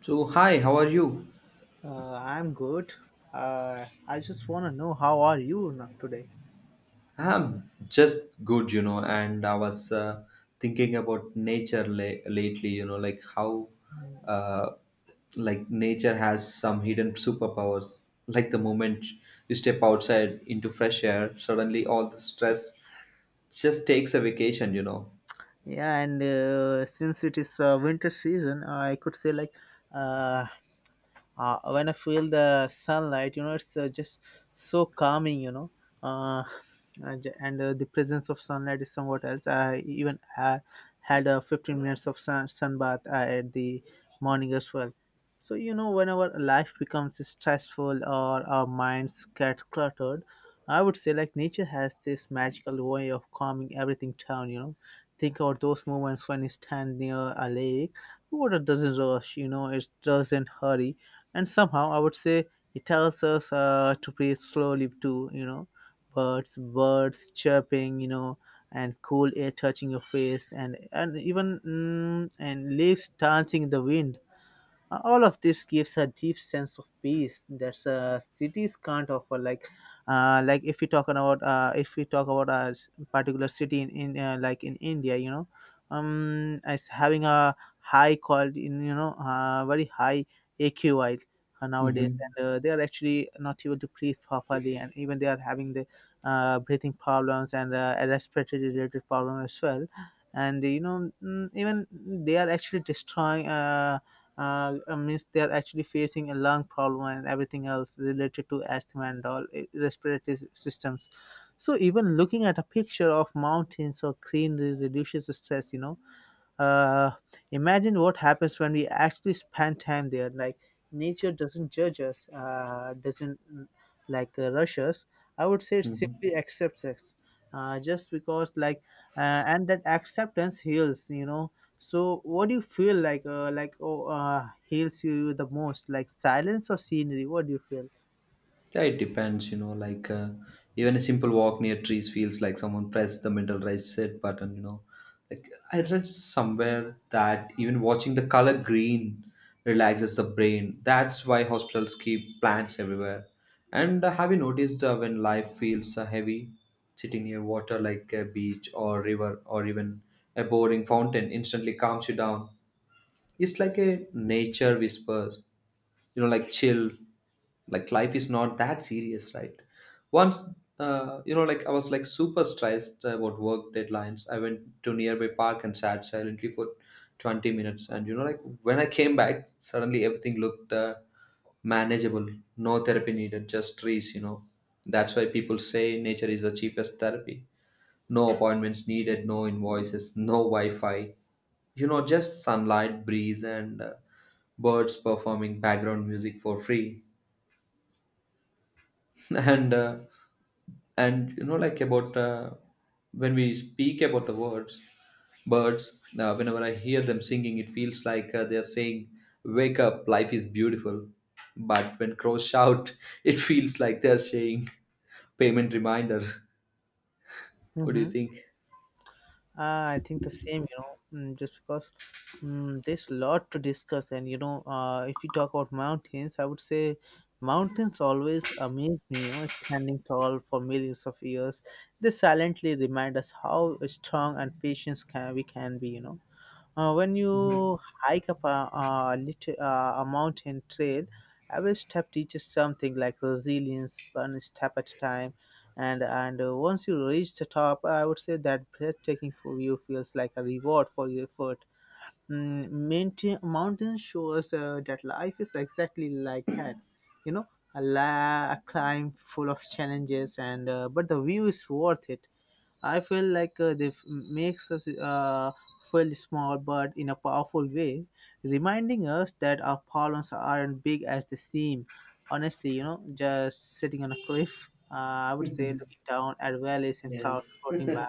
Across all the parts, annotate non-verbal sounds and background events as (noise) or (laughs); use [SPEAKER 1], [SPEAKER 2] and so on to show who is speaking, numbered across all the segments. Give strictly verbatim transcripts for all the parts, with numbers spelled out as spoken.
[SPEAKER 1] So, hi, how are you?
[SPEAKER 2] Uh, I'm good. Uh, I just want to know how are you now today?
[SPEAKER 1] I'm just good, you know, and I was uh, thinking about nature la- lately, you know, like how, uh, like, nature has some hidden superpowers. Like the moment you step outside into fresh air, suddenly all the stress just takes a vacation, you know.
[SPEAKER 2] Yeah, and uh, since it is uh, winter season, I could say like uh, uh, when I feel the sunlight, you know, it's uh, just so calming, you know. Uh, and j- and, uh, the presence of sunlight is somewhat else. I even uh, had uh, fifteen minutes of sun, sun bath uh, at the morning as well. So, you know, whenever life becomes stressful or our minds get cluttered, I would say like nature has this magical way of calming everything down, you know. Think about those moments when you stand near a lake. Water doesn't rush, you know, it doesn't hurry, and somehow I would say it tells us uh, to breathe slowly too, you know. Birds birds chirping, you know, and cool air touching your face, and and even mm, and leaves dancing in the wind. Uh, all of this gives a deep sense of peace that uh, cities can't offer. like uh, like if we talk about uh, if we talk about a s- particular city in, in uh, like in India, you know, um as having a high quality in, you know, uh, very high A Q I nowadays,
[SPEAKER 1] Mm-hmm.
[SPEAKER 2] and uh, they are actually not able to breathe properly, and even they are having the uh, breathing problems and uh, respiratory related problem as well. And you know mm, even they are actually destroying uh, uh, uh, means they are actually facing a lung problem and everything else related to asthma and all eh, respiratory systems. So even looking at a picture of mountains or greenery reduces the stress, you know. uh, Imagine what happens when we actually spend time there. Like nature doesn't judge us, uh, doesn't mm, like uh, rush us. I would say it
[SPEAKER 1] Mm-hmm.
[SPEAKER 2] simply accepts us. Uh, just because like uh, And that acceptance heals, you know. So what do you feel, like uh, like oh, uh, heals you the most, like silence or scenery? What do you feel?
[SPEAKER 1] Yeah, it depends, you know, like uh, even a simple walk near trees feels like someone pressed the mental reset button, you know. Like I read somewhere that even watching the color green relaxes the brain. That's why hospitals keep plants everywhere. And uh, have you noticed uh, when life feels uh, heavy, sitting near water like a beach or river or even a boring fountain instantly calms you down? It's like a nature whispers, you know, like chill, like life is not that serious, right? Once, uh, you know, like I was like super stressed about work deadlines, I went to nearby park and sat silently for twenty minutes. And you know, like when I came back, suddenly everything looked uh, manageable. No therapy needed, just trees, you know. That's why people say nature is the cheapest therapy. No appointments needed, no invoices, no Wi Fi. You know, just sunlight, breeze, and uh, birds performing background music for free. (laughs) and, uh, and you know, like about uh, when we speak about the words, birds, uh, whenever I hear them singing, it feels like uh, they're saying, "Wake up, life is beautiful." But when crows shout, (laughs) it feels like they're saying, "Payment reminder." (laughs) What do
[SPEAKER 2] Mm-hmm.
[SPEAKER 1] you think?
[SPEAKER 2] Uh, I think the same, you know, mm, just because mm, there's a lot to discuss. And, you know, uh, if you talk about mountains, I would say mountains always amaze me, you know, standing tall for millions of years. They silently remind us how strong and patient can, we can be, you know. Uh, when you hike up a, a, little, uh, a mountain trail, every step teaches something like resilience, one step at a time. And and uh, once you reach the top, I would say that breathtaking view feels like a reward for your effort. Mm, mountain, mountain shows uh, that life is exactly like that. You know, a, la- a climb full of challenges, and uh, but the view is worth it. I feel like uh, they f- makes us uh, feel small, but in a powerful way, reminding us that our problems aren't big as they seem. Honestly, you know, just sitting on a cliff, (laughs) uh, I would say, looking down at valleys and
[SPEAKER 1] Yes.
[SPEAKER 2] clouds floating by,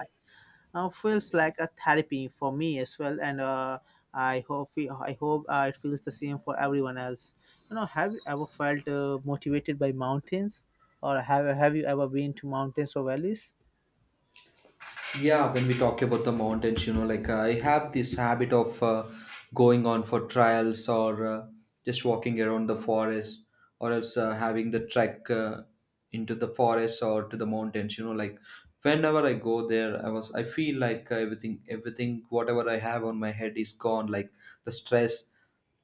[SPEAKER 2] uh, feels like a therapy for me as well, and uh, I hope we, I hope uh, it feels the same for everyone else. You know, have you ever felt uh, motivated by mountains, or have have you ever been to mountains or valleys?
[SPEAKER 1] Yeah, when we talk about the mountains, you know, like I have this habit of uh, going on for trials or uh, just walking around the forest, or else uh, having the trek uh, into the forest or to the mountains, you know, like whenever I go there, I was I feel like everything everything whatever I have on my head is gone, like the stress,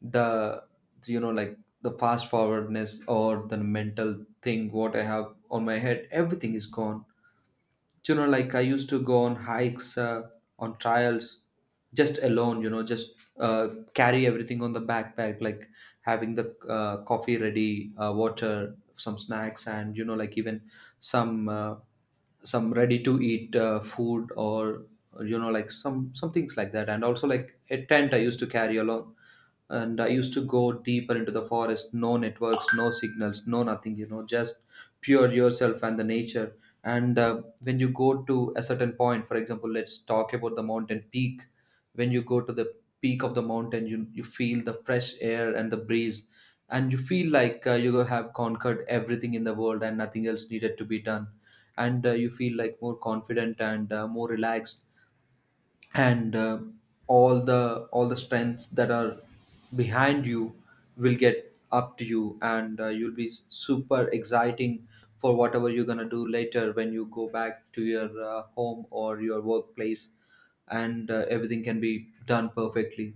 [SPEAKER 1] the, you know, like the fast forwardness or the mental thing what I have on my head, everything is gone. You know, like I used to go on hikes, uh, on trials, just alone, you know, just uh, carry everything on the backpack, like having the uh, coffee ready, uh, water, some snacks, and you know, like even some, uh, some ready to eat uh, food, or you know, like some some things like that, and also like a tent I used to carry along. And I used to go deeper into the forest, no networks, no signals, no nothing, you know, just pure yourself and the nature. And uh, when you go to a certain point, for example, let's talk about the mountain peak. When you go to the peak of the mountain, you you feel the fresh air and the breeze, and you feel like uh, you have conquered everything in the world and nothing else needed to be done. And uh, you feel like more confident and uh, more relaxed, and uh, all the all the strengths that are behind you will get up to you, and uh, you'll be super exciting for whatever you're going to do later when you go back to your uh, home or your workplace. And uh, everything can be done perfectly.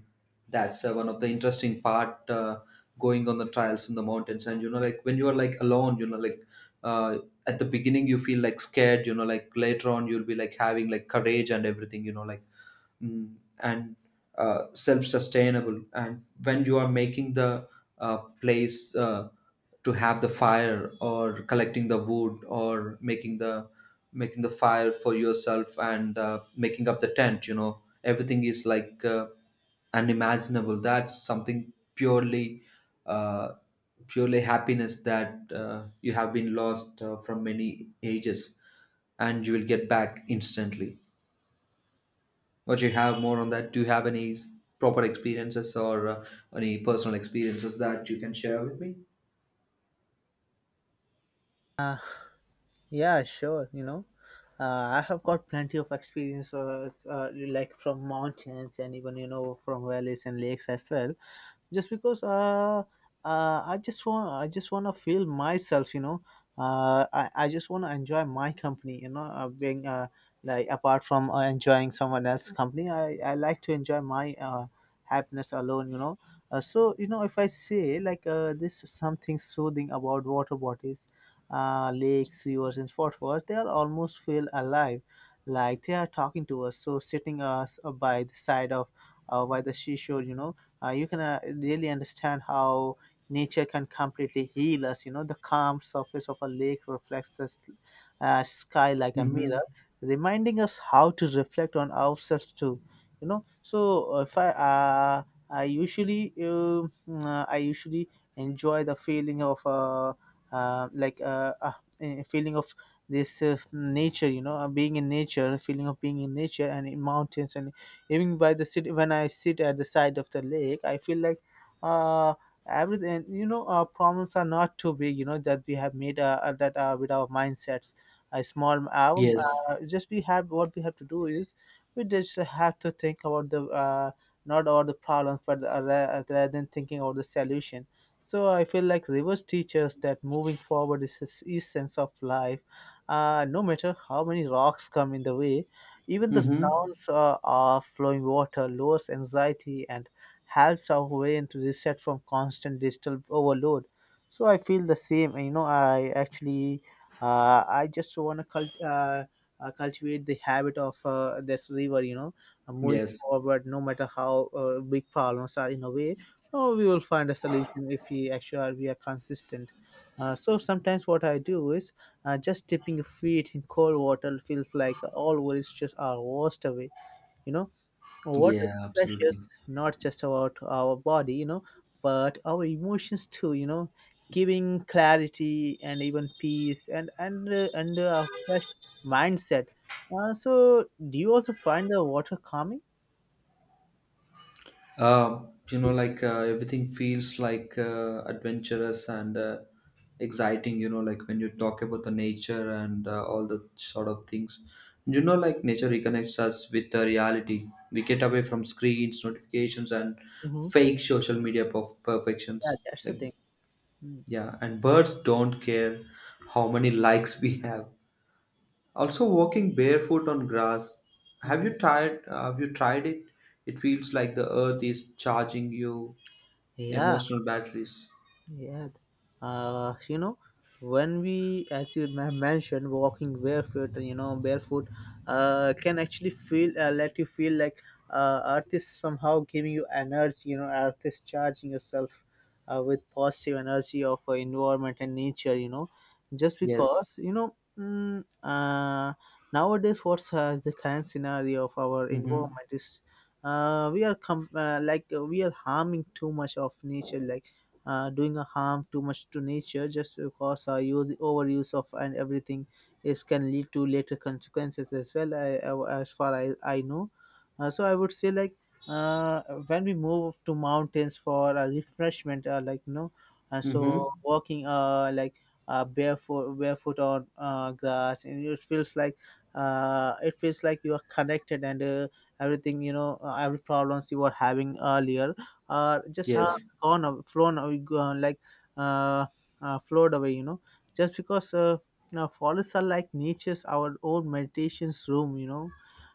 [SPEAKER 1] That's uh, one of the interesting part, uh, going on the trials in the mountains. And you know, like when you are like alone, you know, like, uh, at the beginning you feel like scared, you know, like later on you'll be like having like courage and everything, you know, like, mm, and uh, self-sustainable. And when you are making the uh, place, uh, to have the fire, or collecting the wood, or making the making the fire for yourself, and uh, making up the tent, you know, everything is like uh, unimaginable. That's something purely, uh, purely happiness, that uh, you have been lost uh, from many ages, and you will get back instantly. What you have more on that? Do you have any s- proper experiences, or uh, any personal experiences that you can share with me?
[SPEAKER 2] Yeah, sure. You know, uh, I have got plenty of experience, uh, uh, like from mountains and even, you know, from valleys and lakes as well. Just because uh, uh, I just want, I just want to feel myself. You know, uh, I, I just want to enjoy my company. You know, uh, being uh, like apart from uh, enjoying someone else's company, I, I like to enjoy my uh, happiness alone. You know, uh, so you know, if I say like uh, this something soothing about water bodies, uh, lakes, rivers, and waterfalls, they are almost feel alive, like they are talking to us. So sitting us uh, by the side of uh, by the seashore, you know, uh, you can uh, really understand how nature can completely heal us. You know, the calm surface of a lake reflects the s- uh, sky like a
[SPEAKER 1] Mm-hmm.
[SPEAKER 2] mirror, reminding us how to reflect on ourselves too. You know, so uh, if I uh, I usually um, uh, I usually enjoy the feeling of uh, uh, like uh, uh, a feeling of this uh, nature, you know, uh, being in nature a feeling of being in nature and in mountains, and even by the city. When I sit at the side of the lake, I feel like uh everything, you know, our problems are not too big, you know, that we have made uh, uh, that uh, with our mindsets a small um,
[SPEAKER 1] Yes.
[SPEAKER 2] uh, just we have, what we have to do is we just have to think about the uh, not all the problems, but uh, ra- rather than thinking about the solution. So I feel like rivers teach us that moving forward is the essence of life. Uh, no matter how many rocks come in the way, even the
[SPEAKER 1] Mm-hmm.
[SPEAKER 2] sounds uh, of flowing water lowers anxiety and helps our brain to reset from constant digital overload. So I feel the same. You know, I actually, uh, I just want to cult- uh, uh, cultivate the habit of uh, this river. You know, uh, moving
[SPEAKER 1] Yes.
[SPEAKER 2] forward, no matter how uh, big problems are in a way. Oh, we will find a solution if we actually are, we are consistent. Uh, so sometimes what I do is uh, just dipping your feet in cold water feels like all worries just are washed away. You know, water
[SPEAKER 1] Yeah, absolutely.
[SPEAKER 2] refreshes not just about our body, you know, but our emotions too. You know, giving clarity and even peace, and and uh, and uh, a fresh mindset. Uh, so do you also find the water calming?
[SPEAKER 1] Uh, you know, like uh, everything feels like uh, adventurous and uh, exciting, you know, like when you talk about the nature and uh, all the sort of things. You know, like nature reconnects us with the reality. We get away from screens, notifications, and
[SPEAKER 2] Hmm.
[SPEAKER 1] fake social media perf- perfections.
[SPEAKER 2] Yeah, that's the
[SPEAKER 1] Like,
[SPEAKER 2] thing.
[SPEAKER 1] yeah, and birds don't care how many likes we have. Also, walking barefoot on grass. Have
[SPEAKER 2] Mm-hmm.
[SPEAKER 1] you tried? uh, Have you tried it? It feels like the earth is charging you
[SPEAKER 2] Yeah,
[SPEAKER 1] emotional batteries.
[SPEAKER 2] yeah. Uh, you know, when we, as you ma- mentioned, walking barefoot, you know, barefoot, uh, can actually feel, uh, let you feel like uh, earth is somehow giving you energy, you know, earth is charging yourself uh, with positive energy of uh, environment and nature, you know, just
[SPEAKER 1] Yes.
[SPEAKER 2] because, you know, mm, uh, nowadays what's uh, the current scenario of our
[SPEAKER 1] Mm-hmm.
[SPEAKER 2] environment is uh, we are com- uh, like uh, we are harming too much of nature, like uh, doing a harm too much to nature, just because uh, use overuse of and everything is can lead to later consequences as well. I, I- as far I, I know, uh, so I would say like uh, when we move to mountains for a refreshment, uh, like you know, uh,
[SPEAKER 1] Mm-hmm.
[SPEAKER 2] so walking uh like uh, barefoot barefoot on uh, grass, and it feels like uh, it feels like you are connected, and uh, everything, you know, uh, every problems you were having earlier are just uh,
[SPEAKER 1] Yes.
[SPEAKER 2] gone aw- flown away, gone, like uh, uh, flowed away. You know, just because uh, now forests are like nature's our own meditation's room. You know,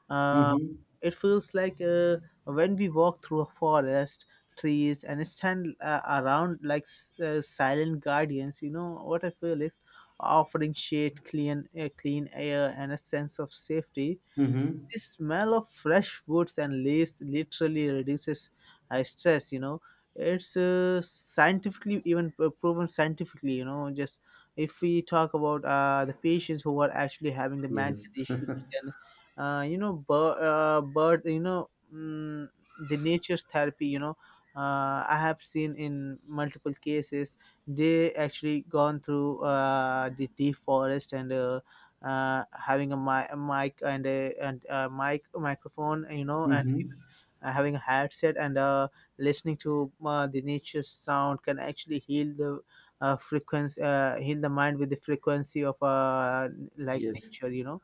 [SPEAKER 2] uh,
[SPEAKER 1] Mm-hmm.
[SPEAKER 2] it feels like uh, when we walk through a forest, trees, and stand uh, around like s- uh, silent guardians. You know what I feel is offering shade, clean, uh, clean air, and a sense of safety.
[SPEAKER 1] Mm-hmm.
[SPEAKER 2] The smell of fresh woods and leaves literally reduces uh, stress, you know. It's uh, scientifically even p- proven scientifically, you know. Just if we talk about uh, the patients who are actually having the
[SPEAKER 1] Yes.
[SPEAKER 2] mental issues,
[SPEAKER 1] (laughs)
[SPEAKER 2] then uh, you know but uh, but you know mm, the nature's therapy, you know, uh, I have seen in multiple cases they actually gone through uh, the deep forest and uh, uh, having a, mi- a mic and a and a mic microphone, you know, and
[SPEAKER 1] Mm-hmm.
[SPEAKER 2] uh, having a headset and uh, listening to uh, the nature sound can actually heal the uh, frequency, uh, heal the mind with the frequency of uh, like
[SPEAKER 1] Yes.
[SPEAKER 2] nature, you know.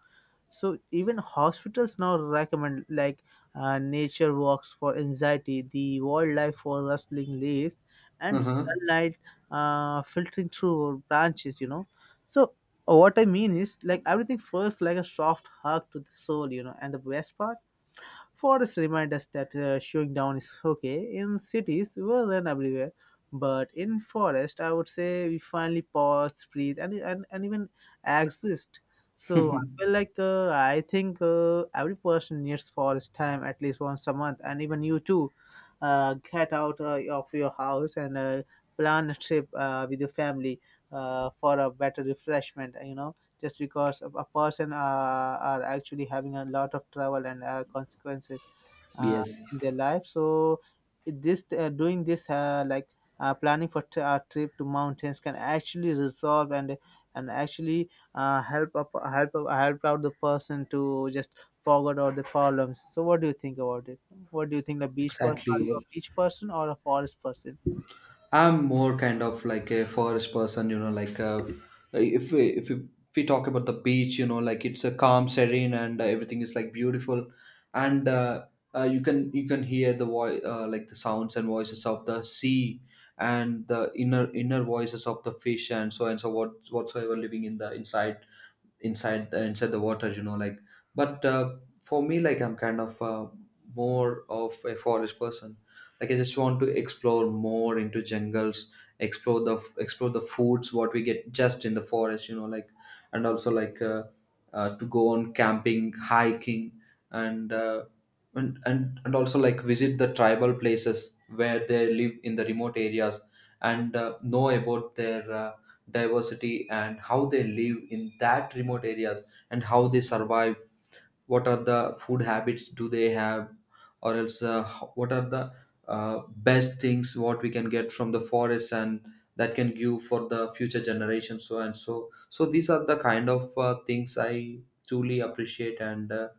[SPEAKER 2] So even hospitals now recommend like uh, nature walks for anxiety, the wildlife for rustling leaves and
[SPEAKER 1] Uh-huh.
[SPEAKER 2] sunlight uh, filtering through branches, you know. So what I mean is like everything first like a soft hug to the soul, you know, and the best part, forests remind us that uh, showing down is okay in cities, well and everywhere. But in forest, I would say we finally pause, breathe, and and, and even exist. So I feel like uh, I think uh, every person needs forest time at least once a month, and even you too. Uh, get out uh, of your house and uh, plan a trip uh, with your family uh, for a better refreshment. You know, just because of a person uh, are actually having a lot of trouble and uh, consequences
[SPEAKER 1] (laughs)
[SPEAKER 2] uh,
[SPEAKER 1] Yes.
[SPEAKER 2] in their life. So it- this uh, doing this uh, like uh, planning for t- a trip to mountains can actually resolve and and actually uh, help up, help up, help out the person to just forget all the problems. So what do you think about it? What do you think? The beach person? Are you
[SPEAKER 1] Exactly.
[SPEAKER 2] a beach person or a forest person?
[SPEAKER 1] I'm more kind of like a forest person, you know, like uh, if we, if we, if we talk about the beach, you know, like it's a calm, serene, and uh, everything is like beautiful, and uh, uh, you can you can hear the voice, uh, like the sounds and voices of the sea, and the inner inner voices of the fish, and so and so what whatsoever living in the inside inside uh, inside the water, you know, like, but uh, for me, like I'm kind of uh, more of a forest person. Like I just want to explore more into jungles, explore the explore the foods what we get just in the forest, you know, like, and also like uh, uh, to go on camping, hiking, and uh, and, and and also like visit the tribal places where they live in the remote areas, and uh, know about their uh, diversity, and how they live in that remote areas, and how they survive. What are the food habits do they have, or else uh, h- what are the uh, best things what we can get from the forest, and that can give for the future generation, so and so. So these are the kind of uh, things I truly appreciate, and uh,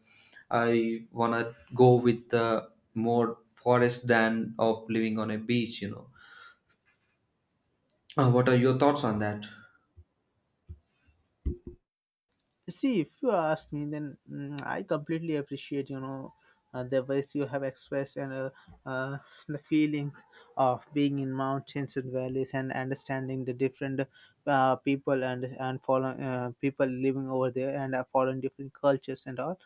[SPEAKER 1] I wanna go with uh, more forest than of living on a beach, you know. uh, what are your thoughts on that?
[SPEAKER 2] See, if you ask me, then mm, I completely appreciate you know uh, the ways you have expressed and uh, uh, the feelings of being in mountains and valleys and understanding the different uh, people and and follow uh, people living over there and uh, following different cultures and all.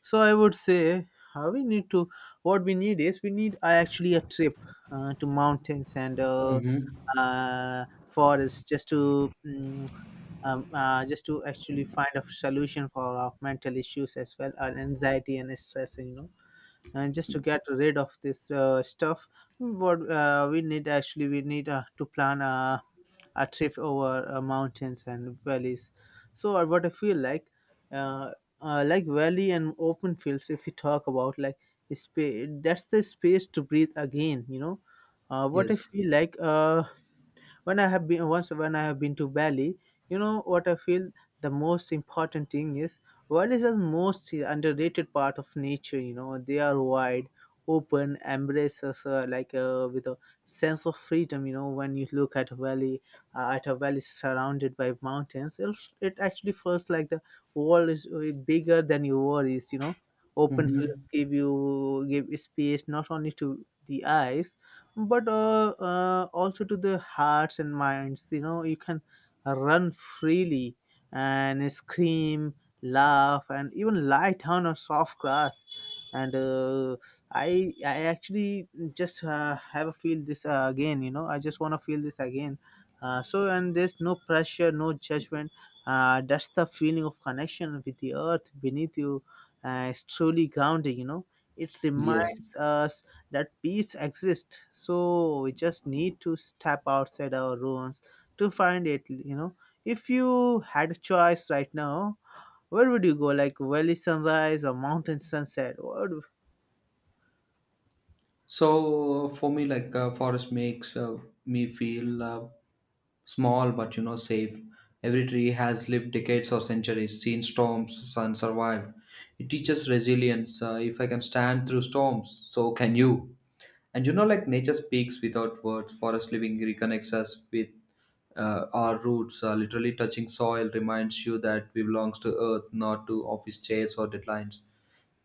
[SPEAKER 2] So I would say uh, we need to what we need is we need uh, actually a trip uh, to mountains and uh,
[SPEAKER 1] Hmm.
[SPEAKER 2] uh, forests just to mm um, uh, just to actually find a solution for our mental issues as well, our anxiety and stress, you know. And just to get rid of this uh, stuff, what uh, we need actually, we need uh, to plan a, a trip over uh, mountains and valleys. So, uh, what I feel like, uh, uh, like valley and open fields, if we talk about like space, that's the space to breathe again, you know. Uh, what I
[SPEAKER 1] Yes.
[SPEAKER 2] feel like, uh, when I have been once when I have been to Bali, you know what I feel the most important thing is Bali is the most underrated part of nature. You know they are wide, open, embraces uh, like uh, with a sense of freedom. You know when you look at a valley, uh, at a valley surrounded by mountains, it, it actually feels like the world is uh, bigger than your worries. You know open fields
[SPEAKER 1] Mm-hmm.
[SPEAKER 2] give you give space not only to the eyes but uh, uh, also to the hearts and minds. You know, you can run freely and scream, laugh, and even lie down on soft grass. And uh, I, I actually just uh, have a feel this uh, again. You know, I just want to feel this again. Uh, so and there's no pressure, no judgment. Uh, that's the feeling of connection with the earth beneath you. Uh, it's truly grounding. You know, it
[SPEAKER 1] Yes.
[SPEAKER 2] reminds us that peace exists, so we just need to step outside our rooms to find it, you know. If you had a choice right now, where would you go, like valley sunrise or mountain sunset? What
[SPEAKER 1] So uh, for me, like uh, forest makes uh, me feel uh, small, but you know, safe. Every tree has lived decades or centuries, seen storms, sun survived. It teaches resilience. Uh, if I can stand through storms, so can you. And you know, like nature speaks without words. Forest living reconnects us with uh, our roots. Uh, literally touching soil reminds you that we belongs to earth, not to office chairs or deadlines.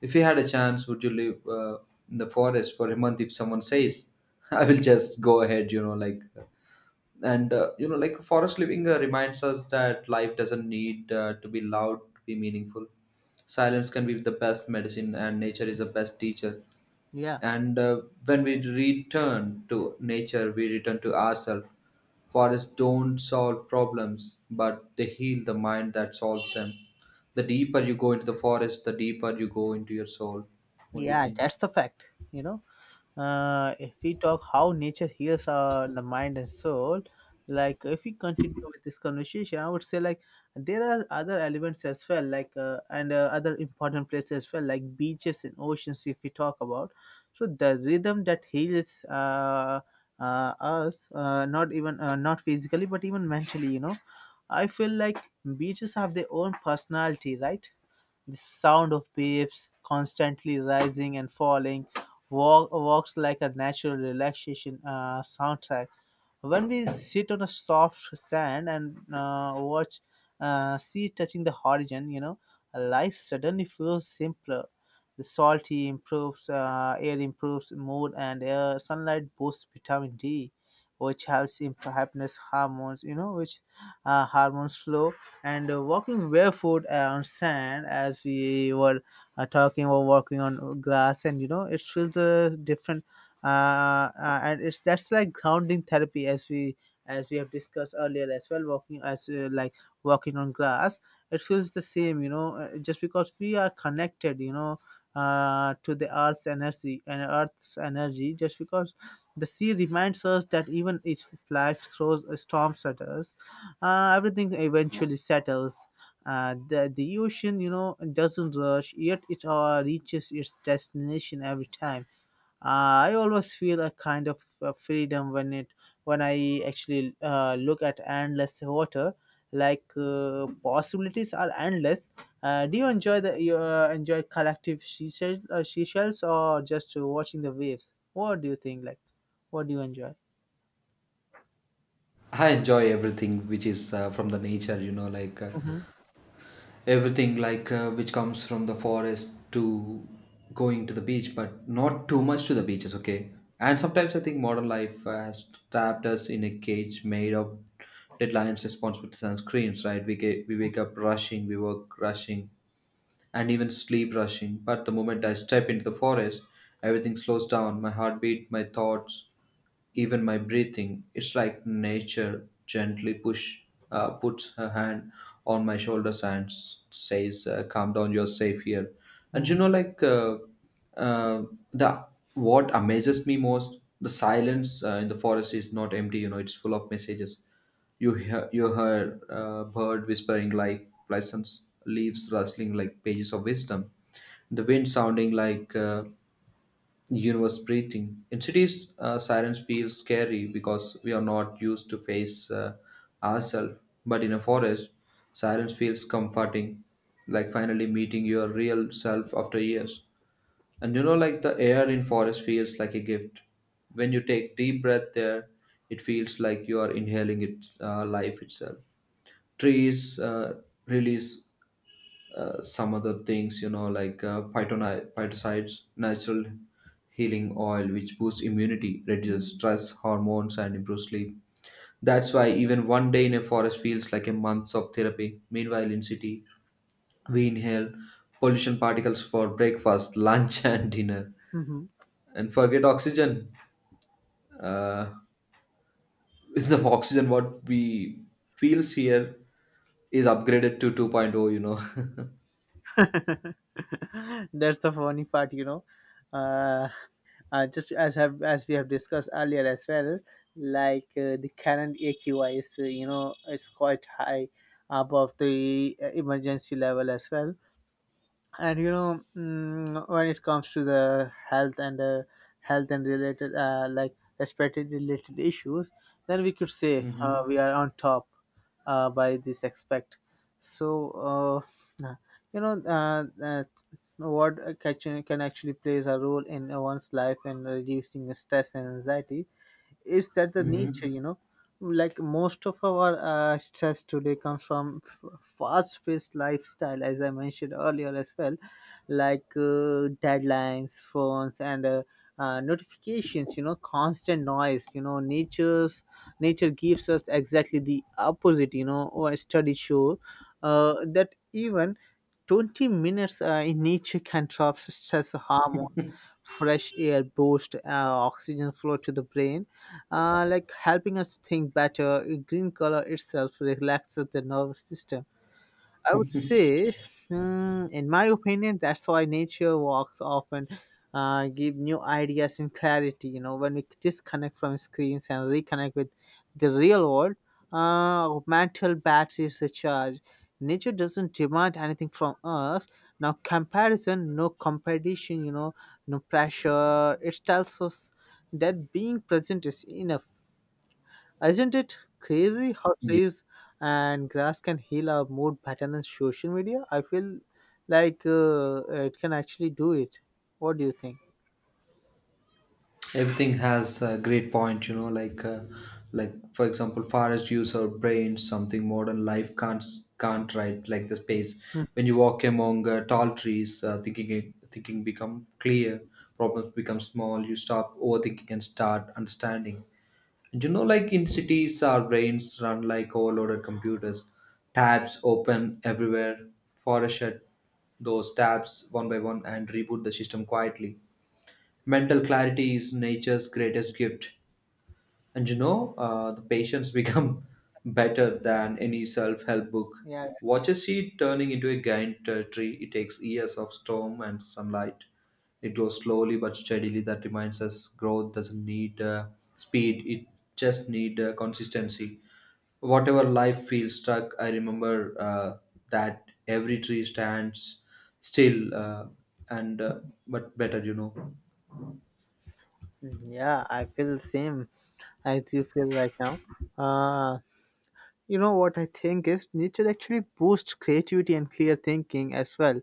[SPEAKER 1] If you had a chance, would you live uh, in the forest for a month? If someone says, (laughs) I will just go ahead, you know, like, and uh, you know, like forest living uh, reminds us that life doesn't need uh, to be loud to be meaningful. Silence can be the best medicine and nature is the best teacher.
[SPEAKER 2] Yeah.
[SPEAKER 1] And uh, when we return to nature, we return to ourselves. Forests don't solve problems, but they heal the mind that solves them. The deeper you go into the forest, the deeper you go into your soul. What do you
[SPEAKER 2] Yeah,
[SPEAKER 1] think?
[SPEAKER 2] that's the fact. You know, uh, if we talk how nature heals our the mind and soul, like if we continue with this conversation, I would say like there are other elements as well, like uh, and uh, other important places as well, like beaches and oceans. If we talk about, so the rhythm that heals uh, uh, us, uh, not even uh, not physically, but even mentally. You know, I feel like beaches have their own personality, right? The sound of waves constantly rising and falling walk, works like a natural relaxation uh, soundtrack. When we sit on a soft sand and uh, watch uh, sea touching the horizon, you know, life suddenly feels simpler. The salty improves, uh, air improves mood, and uh, sunlight boosts vitamin D, which helps in happiness hormones. You know, which uh, hormones flow. And uh, walking barefoot on sand, as we were uh, talking or walking on grass, and you know, it feels a different uh, uh, and it's that's like grounding therapy, as we as we have discussed earlier as well, walking as uh, like walking on grass, it feels the same, you know, uh, just because we are connected, you know, uh, to the earth's energy and earth's energy, just because the sea reminds us that even if life throws a storm at us, uh, everything eventually settles. Uh, the the ocean, you know, doesn't rush, yet it uh, reaches its destination every time. uh, I always feel a kind of uh, freedom when it when I actually uh, look at endless water, like uh, possibilities are endless. Uh, do you enjoy the you, uh, enjoy collective seashells, uh, seashells or just uh, watching the waves? What do you think? Like, what do you enjoy?
[SPEAKER 1] I enjoy everything which is uh, from the nature, you know, like uh,
[SPEAKER 2] Mm-hmm.
[SPEAKER 1] everything like uh, which comes from the forest to going to the beach, but not too much to the beaches, okay. And sometimes I think modern life has trapped us in a cage made of deadlines, responsibilities, and screens, right? We get, we wake up rushing, we work rushing, and even sleep rushing. But the moment I step into the forest, everything slows down, my heartbeat, my thoughts, even my breathing. It's like nature gently push uh, puts her hand on my shoulders and s- says, uh, "Calm down, you're safe here." And you
[SPEAKER 2] Mm-hmm.
[SPEAKER 1] know, like, uh, uh, the what amazes me most, the silence uh, in the forest is not empty. You know, it's full of messages. You hear you heard uh, bird whispering like lessons, leaves rustling like pages of wisdom, the wind sounding like, Uh, universe breathing. In cities, uh, sirens feel scary because we are not used to face uh, ourselves. But in a forest, sirens feels comforting, like finally meeting your real self after years. And you know, like the air in forest feels like a gift. When you take deep breath there, it feels like you are inhaling its uh, life itself. Trees uh, release uh, some other things, you know, like uh, phytoni- phytocides, natural healing oil, which boosts immunity, reduces stress hormones, and improves sleep. That's why even one day in a forest feels like a month of therapy. Meanwhile, in city, we inhale pollution particles for breakfast, lunch, (laughs) and dinner,
[SPEAKER 2] hmm mm hmm
[SPEAKER 1] and forget oxygen. Uh, (laughs) the oxygen what we feels here is upgraded to 2.0. You know. (laughs)
[SPEAKER 2] That's the funny part, you know. Uh, uh, just as have as we have discussed earlier as well, like uh, the current A Q I is, uh, you know, is quite high above the uh, emergency level as well. And you know, mm, when it comes to the health and uh, health and related uh, like respiratory related issues, then we could say uh,
[SPEAKER 1] Hmm.
[SPEAKER 2] we are on top uh, by this aspect. So uh, you know uh, uh, what uh, can, can actually plays a role in uh, one's life and reducing stress and anxiety is that the nature,
[SPEAKER 1] Hmm.
[SPEAKER 2] you know. Like most of our uh, stress today comes from f- fast-paced lifestyle, as I mentioned earlier as well, like uh, deadlines, phones, and uh, uh, notifications, you know, constant noise, you know. Nature's nature gives us exactly the opposite, you know, or studies show uh, that even 20 minutes uh, in each can drop stress hormones. Fresh air boost uh, oxygen flow to the brain, uh, like helping us think better. Green color itself relaxes the nervous system. I would say, hmm, in my opinion, that's why nature walks often uh, give new ideas and clarity. You know, when we disconnect from screens and reconnect with the real world, uh, our mental batteries recharge. Nature doesn't demand anything from us. Now, comparison, no competition, you know, no pressure. It tells us that being present is enough. Isn't it crazy how trees and grass can heal our mood better than social media? I feel like uh, it can actually do it. What do you think?
[SPEAKER 1] Everything has a great point, you know, like uh, like for example forest use our brains something modern life can't can't, right? Like the space,
[SPEAKER 2] Hmm.
[SPEAKER 1] when you walk among uh, tall trees, uh, thinking thinking become clear, problems become small, you stop overthinking and start understanding. And you know, like in cities our brains run like overloaded computers, tabs open everywhere. Forest shut those tabs one by one and reboot the system quietly. Mental clarity is nature's greatest gift. And you know, uh, the patients become (laughs) better than any self help book.
[SPEAKER 2] Yeah.
[SPEAKER 1] Watch a seed turning into a giant uh, tree. It takes years of storm and sunlight. It grows slowly but steadily. That reminds us growth doesn't need uh, speed, it just need uh, consistency. Whatever life feels stuck, I remember uh, that every tree stands still, uh, and uh, but better, you know.
[SPEAKER 2] Mm, yeah, I feel the same as you feel right now. Uh, you know what I think is nature actually boosts creativity and clear thinking as well.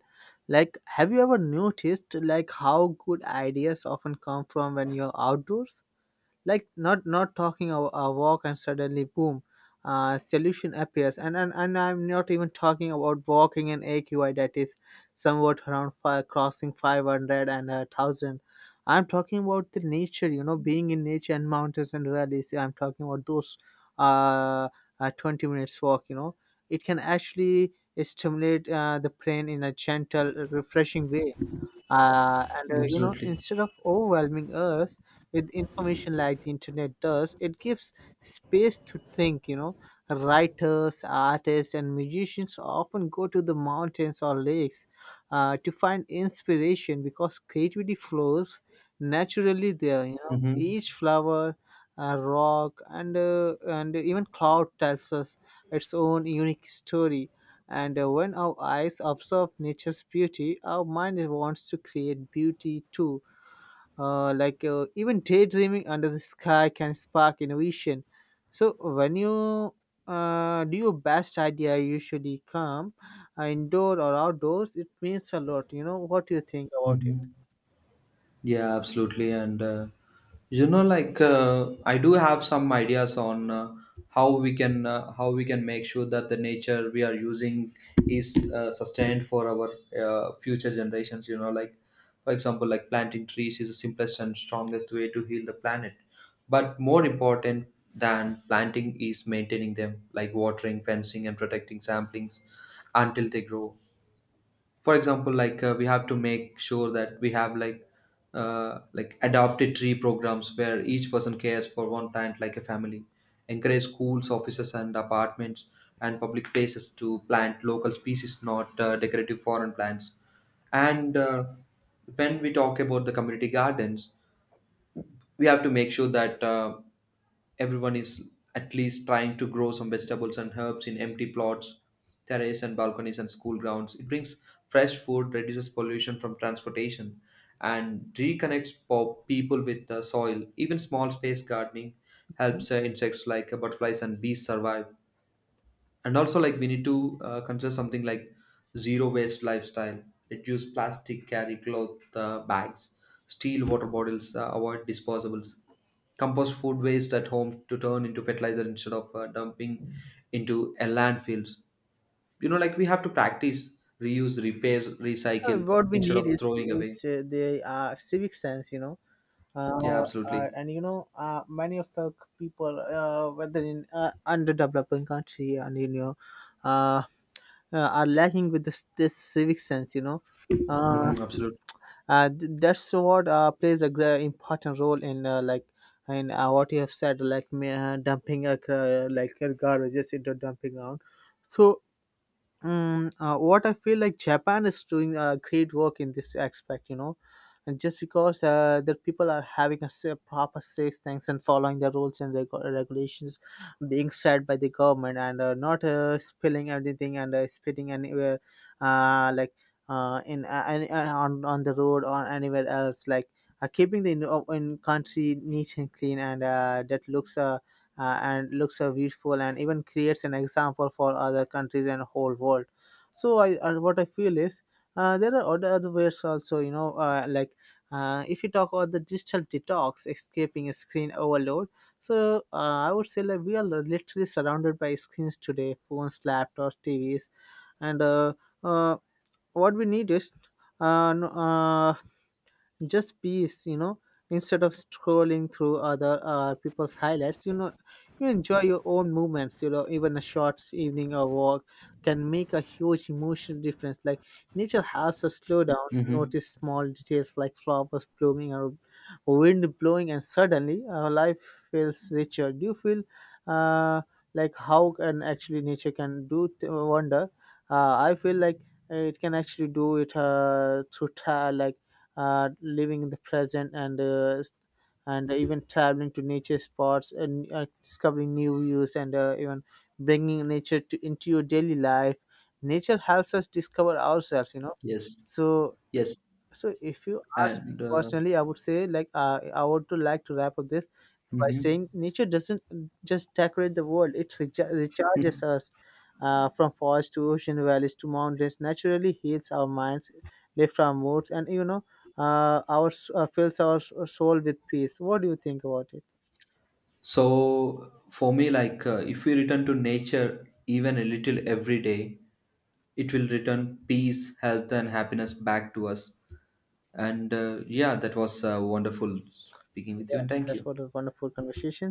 [SPEAKER 2] Like, have you ever noticed like how good ideas often come from when you're outdoors? Like not not talking a, a walk and suddenly boom, uh, solution appears. And, and and I'm not even talking about walking an AQI that is somewhat around five, crossing five hundred and a thousand. I'm talking about the nature, you know, being in nature and mountains and valleys. I'm talking about those uh, uh 20 minutes walk, you know, it can actually stimulate uh, the brain in a gentle refreshing way. Uh, and uh, You know,
[SPEAKER 1] Absolutely.
[SPEAKER 2] instead of overwhelming us with information like the internet does, it gives space to think, you know. Writers, artists, and musicians often go to the mountains or lakes uh, to find inspiration because creativity flows naturally there, you know.
[SPEAKER 1] Mm-hmm.
[SPEAKER 2] Each flower, uh, rock, and uh, and even cloud tells us its own unique story. And uh, when our eyes observe nature's beauty, our mind wants to create beauty too. Uh, like uh, even daydreaming under the sky can spark innovation. So when you uh, do your best idea usually come uh, indoor or outdoors, it means a lot. You know, what do you think about it?
[SPEAKER 1] Mm-hmm. Yeah, absolutely. And uh, you know, like uh, I do have some ideas on uh, how we can uh, how we can make sure that the nature we are using is uh, sustained for our uh, future generations. You know, like for example, like planting trees is the simplest and strongest way to heal the planet. But more important than planting is maintaining them, like watering, fencing, and protecting samplings until they grow. For example, like uh, we have to make sure that we have like uh, like adopted tree programs where each person cares for one plant like a family. Encourage schools, offices, and apartments, and public places to plant local species, not uh, decorative foreign plants. And uh, when we talk about the community gardens, we have to make sure that uh, everyone is at least trying to grow some vegetables and herbs in empty plots, terrace and balconies, and school grounds. It brings fresh food, reduces pollution from transportation, and reconnects po- people with the soil. Even small space gardening helps uh, insects like uh, butterflies and bees survive. And also like we need to uh, consider something like zero waste lifestyle. Reduce plastic, carry cloth uh, bags, steel water bottles, uh, avoid disposables, compost food waste at home to turn into fertilizer instead of uh, dumping into a landfills. You know, like we have to practice reuse, repair,
[SPEAKER 2] Uh,
[SPEAKER 1] recycle,
[SPEAKER 2] what we
[SPEAKER 1] instead
[SPEAKER 2] need
[SPEAKER 1] of
[SPEAKER 2] is
[SPEAKER 1] throwing
[SPEAKER 2] is
[SPEAKER 1] away.
[SPEAKER 2] uh, the uh, civic sense, you know.
[SPEAKER 1] Yeah,
[SPEAKER 2] uh, uh,
[SPEAKER 1] absolutely.
[SPEAKER 2] and you know, uh, many of the people, uh, whether in uh, underdeveloping country, and you know, uh, uh, are lacking with this this civic sense, you know. Uh,
[SPEAKER 1] Mm-hmm, absolutely.
[SPEAKER 2] uh, th- that's what uh, plays a great important role in uh, like in uh, what you have said, like me, uh, dumping uh, like uh, garbages into dumping ground. So, Mm, uh, what I feel like, Japan is doing uh, great work in this aspect, you know, and just because uh, the people are having a sa- proper safe things and following the rules and reg- regulations being set by the government, and uh, not uh, spilling everything and uh, spitting anywhere, uh, like uh, in uh, an- uh, on on the road or anywhere else, like uh, keeping the in, in country neat and clean, and uh, that looks uh, uh, and looks uh, beautiful and even creates an example for other countries and whole world. So I uh, what I feel is uh, there are other, other ways also, you know. Uh, like uh, if you talk about the digital detox, escaping a screen overload, so uh, I would say like we are literally surrounded by screens today, phones, laptops, TVs, and uh, uh, what we need is uh, no- uh, just peace, you know. Instead of scrolling through other uh, people's highlights, you know, you enjoy your own movements, you know. Even a short evening or walk can make a huge emotional difference. Like nature helps us slow down,
[SPEAKER 1] Mm-hmm.
[SPEAKER 2] notice small details like flowers blooming or wind blowing, and suddenly our life feels richer. Do you feel uh, like how can actually nature can do th- wonder? uh, I feel like it can actually do it uh, through tra- like uh, living in the present and uh, and even traveling to nature spots and uh, discovering new views and uh, even bringing nature to, into your daily life. Nature helps us discover ourselves, you know.
[SPEAKER 1] Yes.
[SPEAKER 2] so
[SPEAKER 1] Yes.
[SPEAKER 2] so if you ask me
[SPEAKER 1] and uh,
[SPEAKER 2] personally, I would say, like, uh, I would to like to wrap up this by
[SPEAKER 1] Mm-hmm.
[SPEAKER 2] saying nature doesn't just decorate the world; it recha- recharges
[SPEAKER 1] (laughs)
[SPEAKER 2] us. Uh, from forests to ocean valleys to mountains, naturally heals our minds, lifts our moods, and you know, uh, our s- uh, fills our s- soul with peace. What do you think about it?
[SPEAKER 1] So for me, like uh, if we return to nature even a little every day, it will return peace, health, and happiness back to us. And uh, yeah, that was uh, wonderful speaking with
[SPEAKER 2] Yeah,
[SPEAKER 1] you, and thank
[SPEAKER 2] that
[SPEAKER 1] you.
[SPEAKER 2] was a wonderful conversation.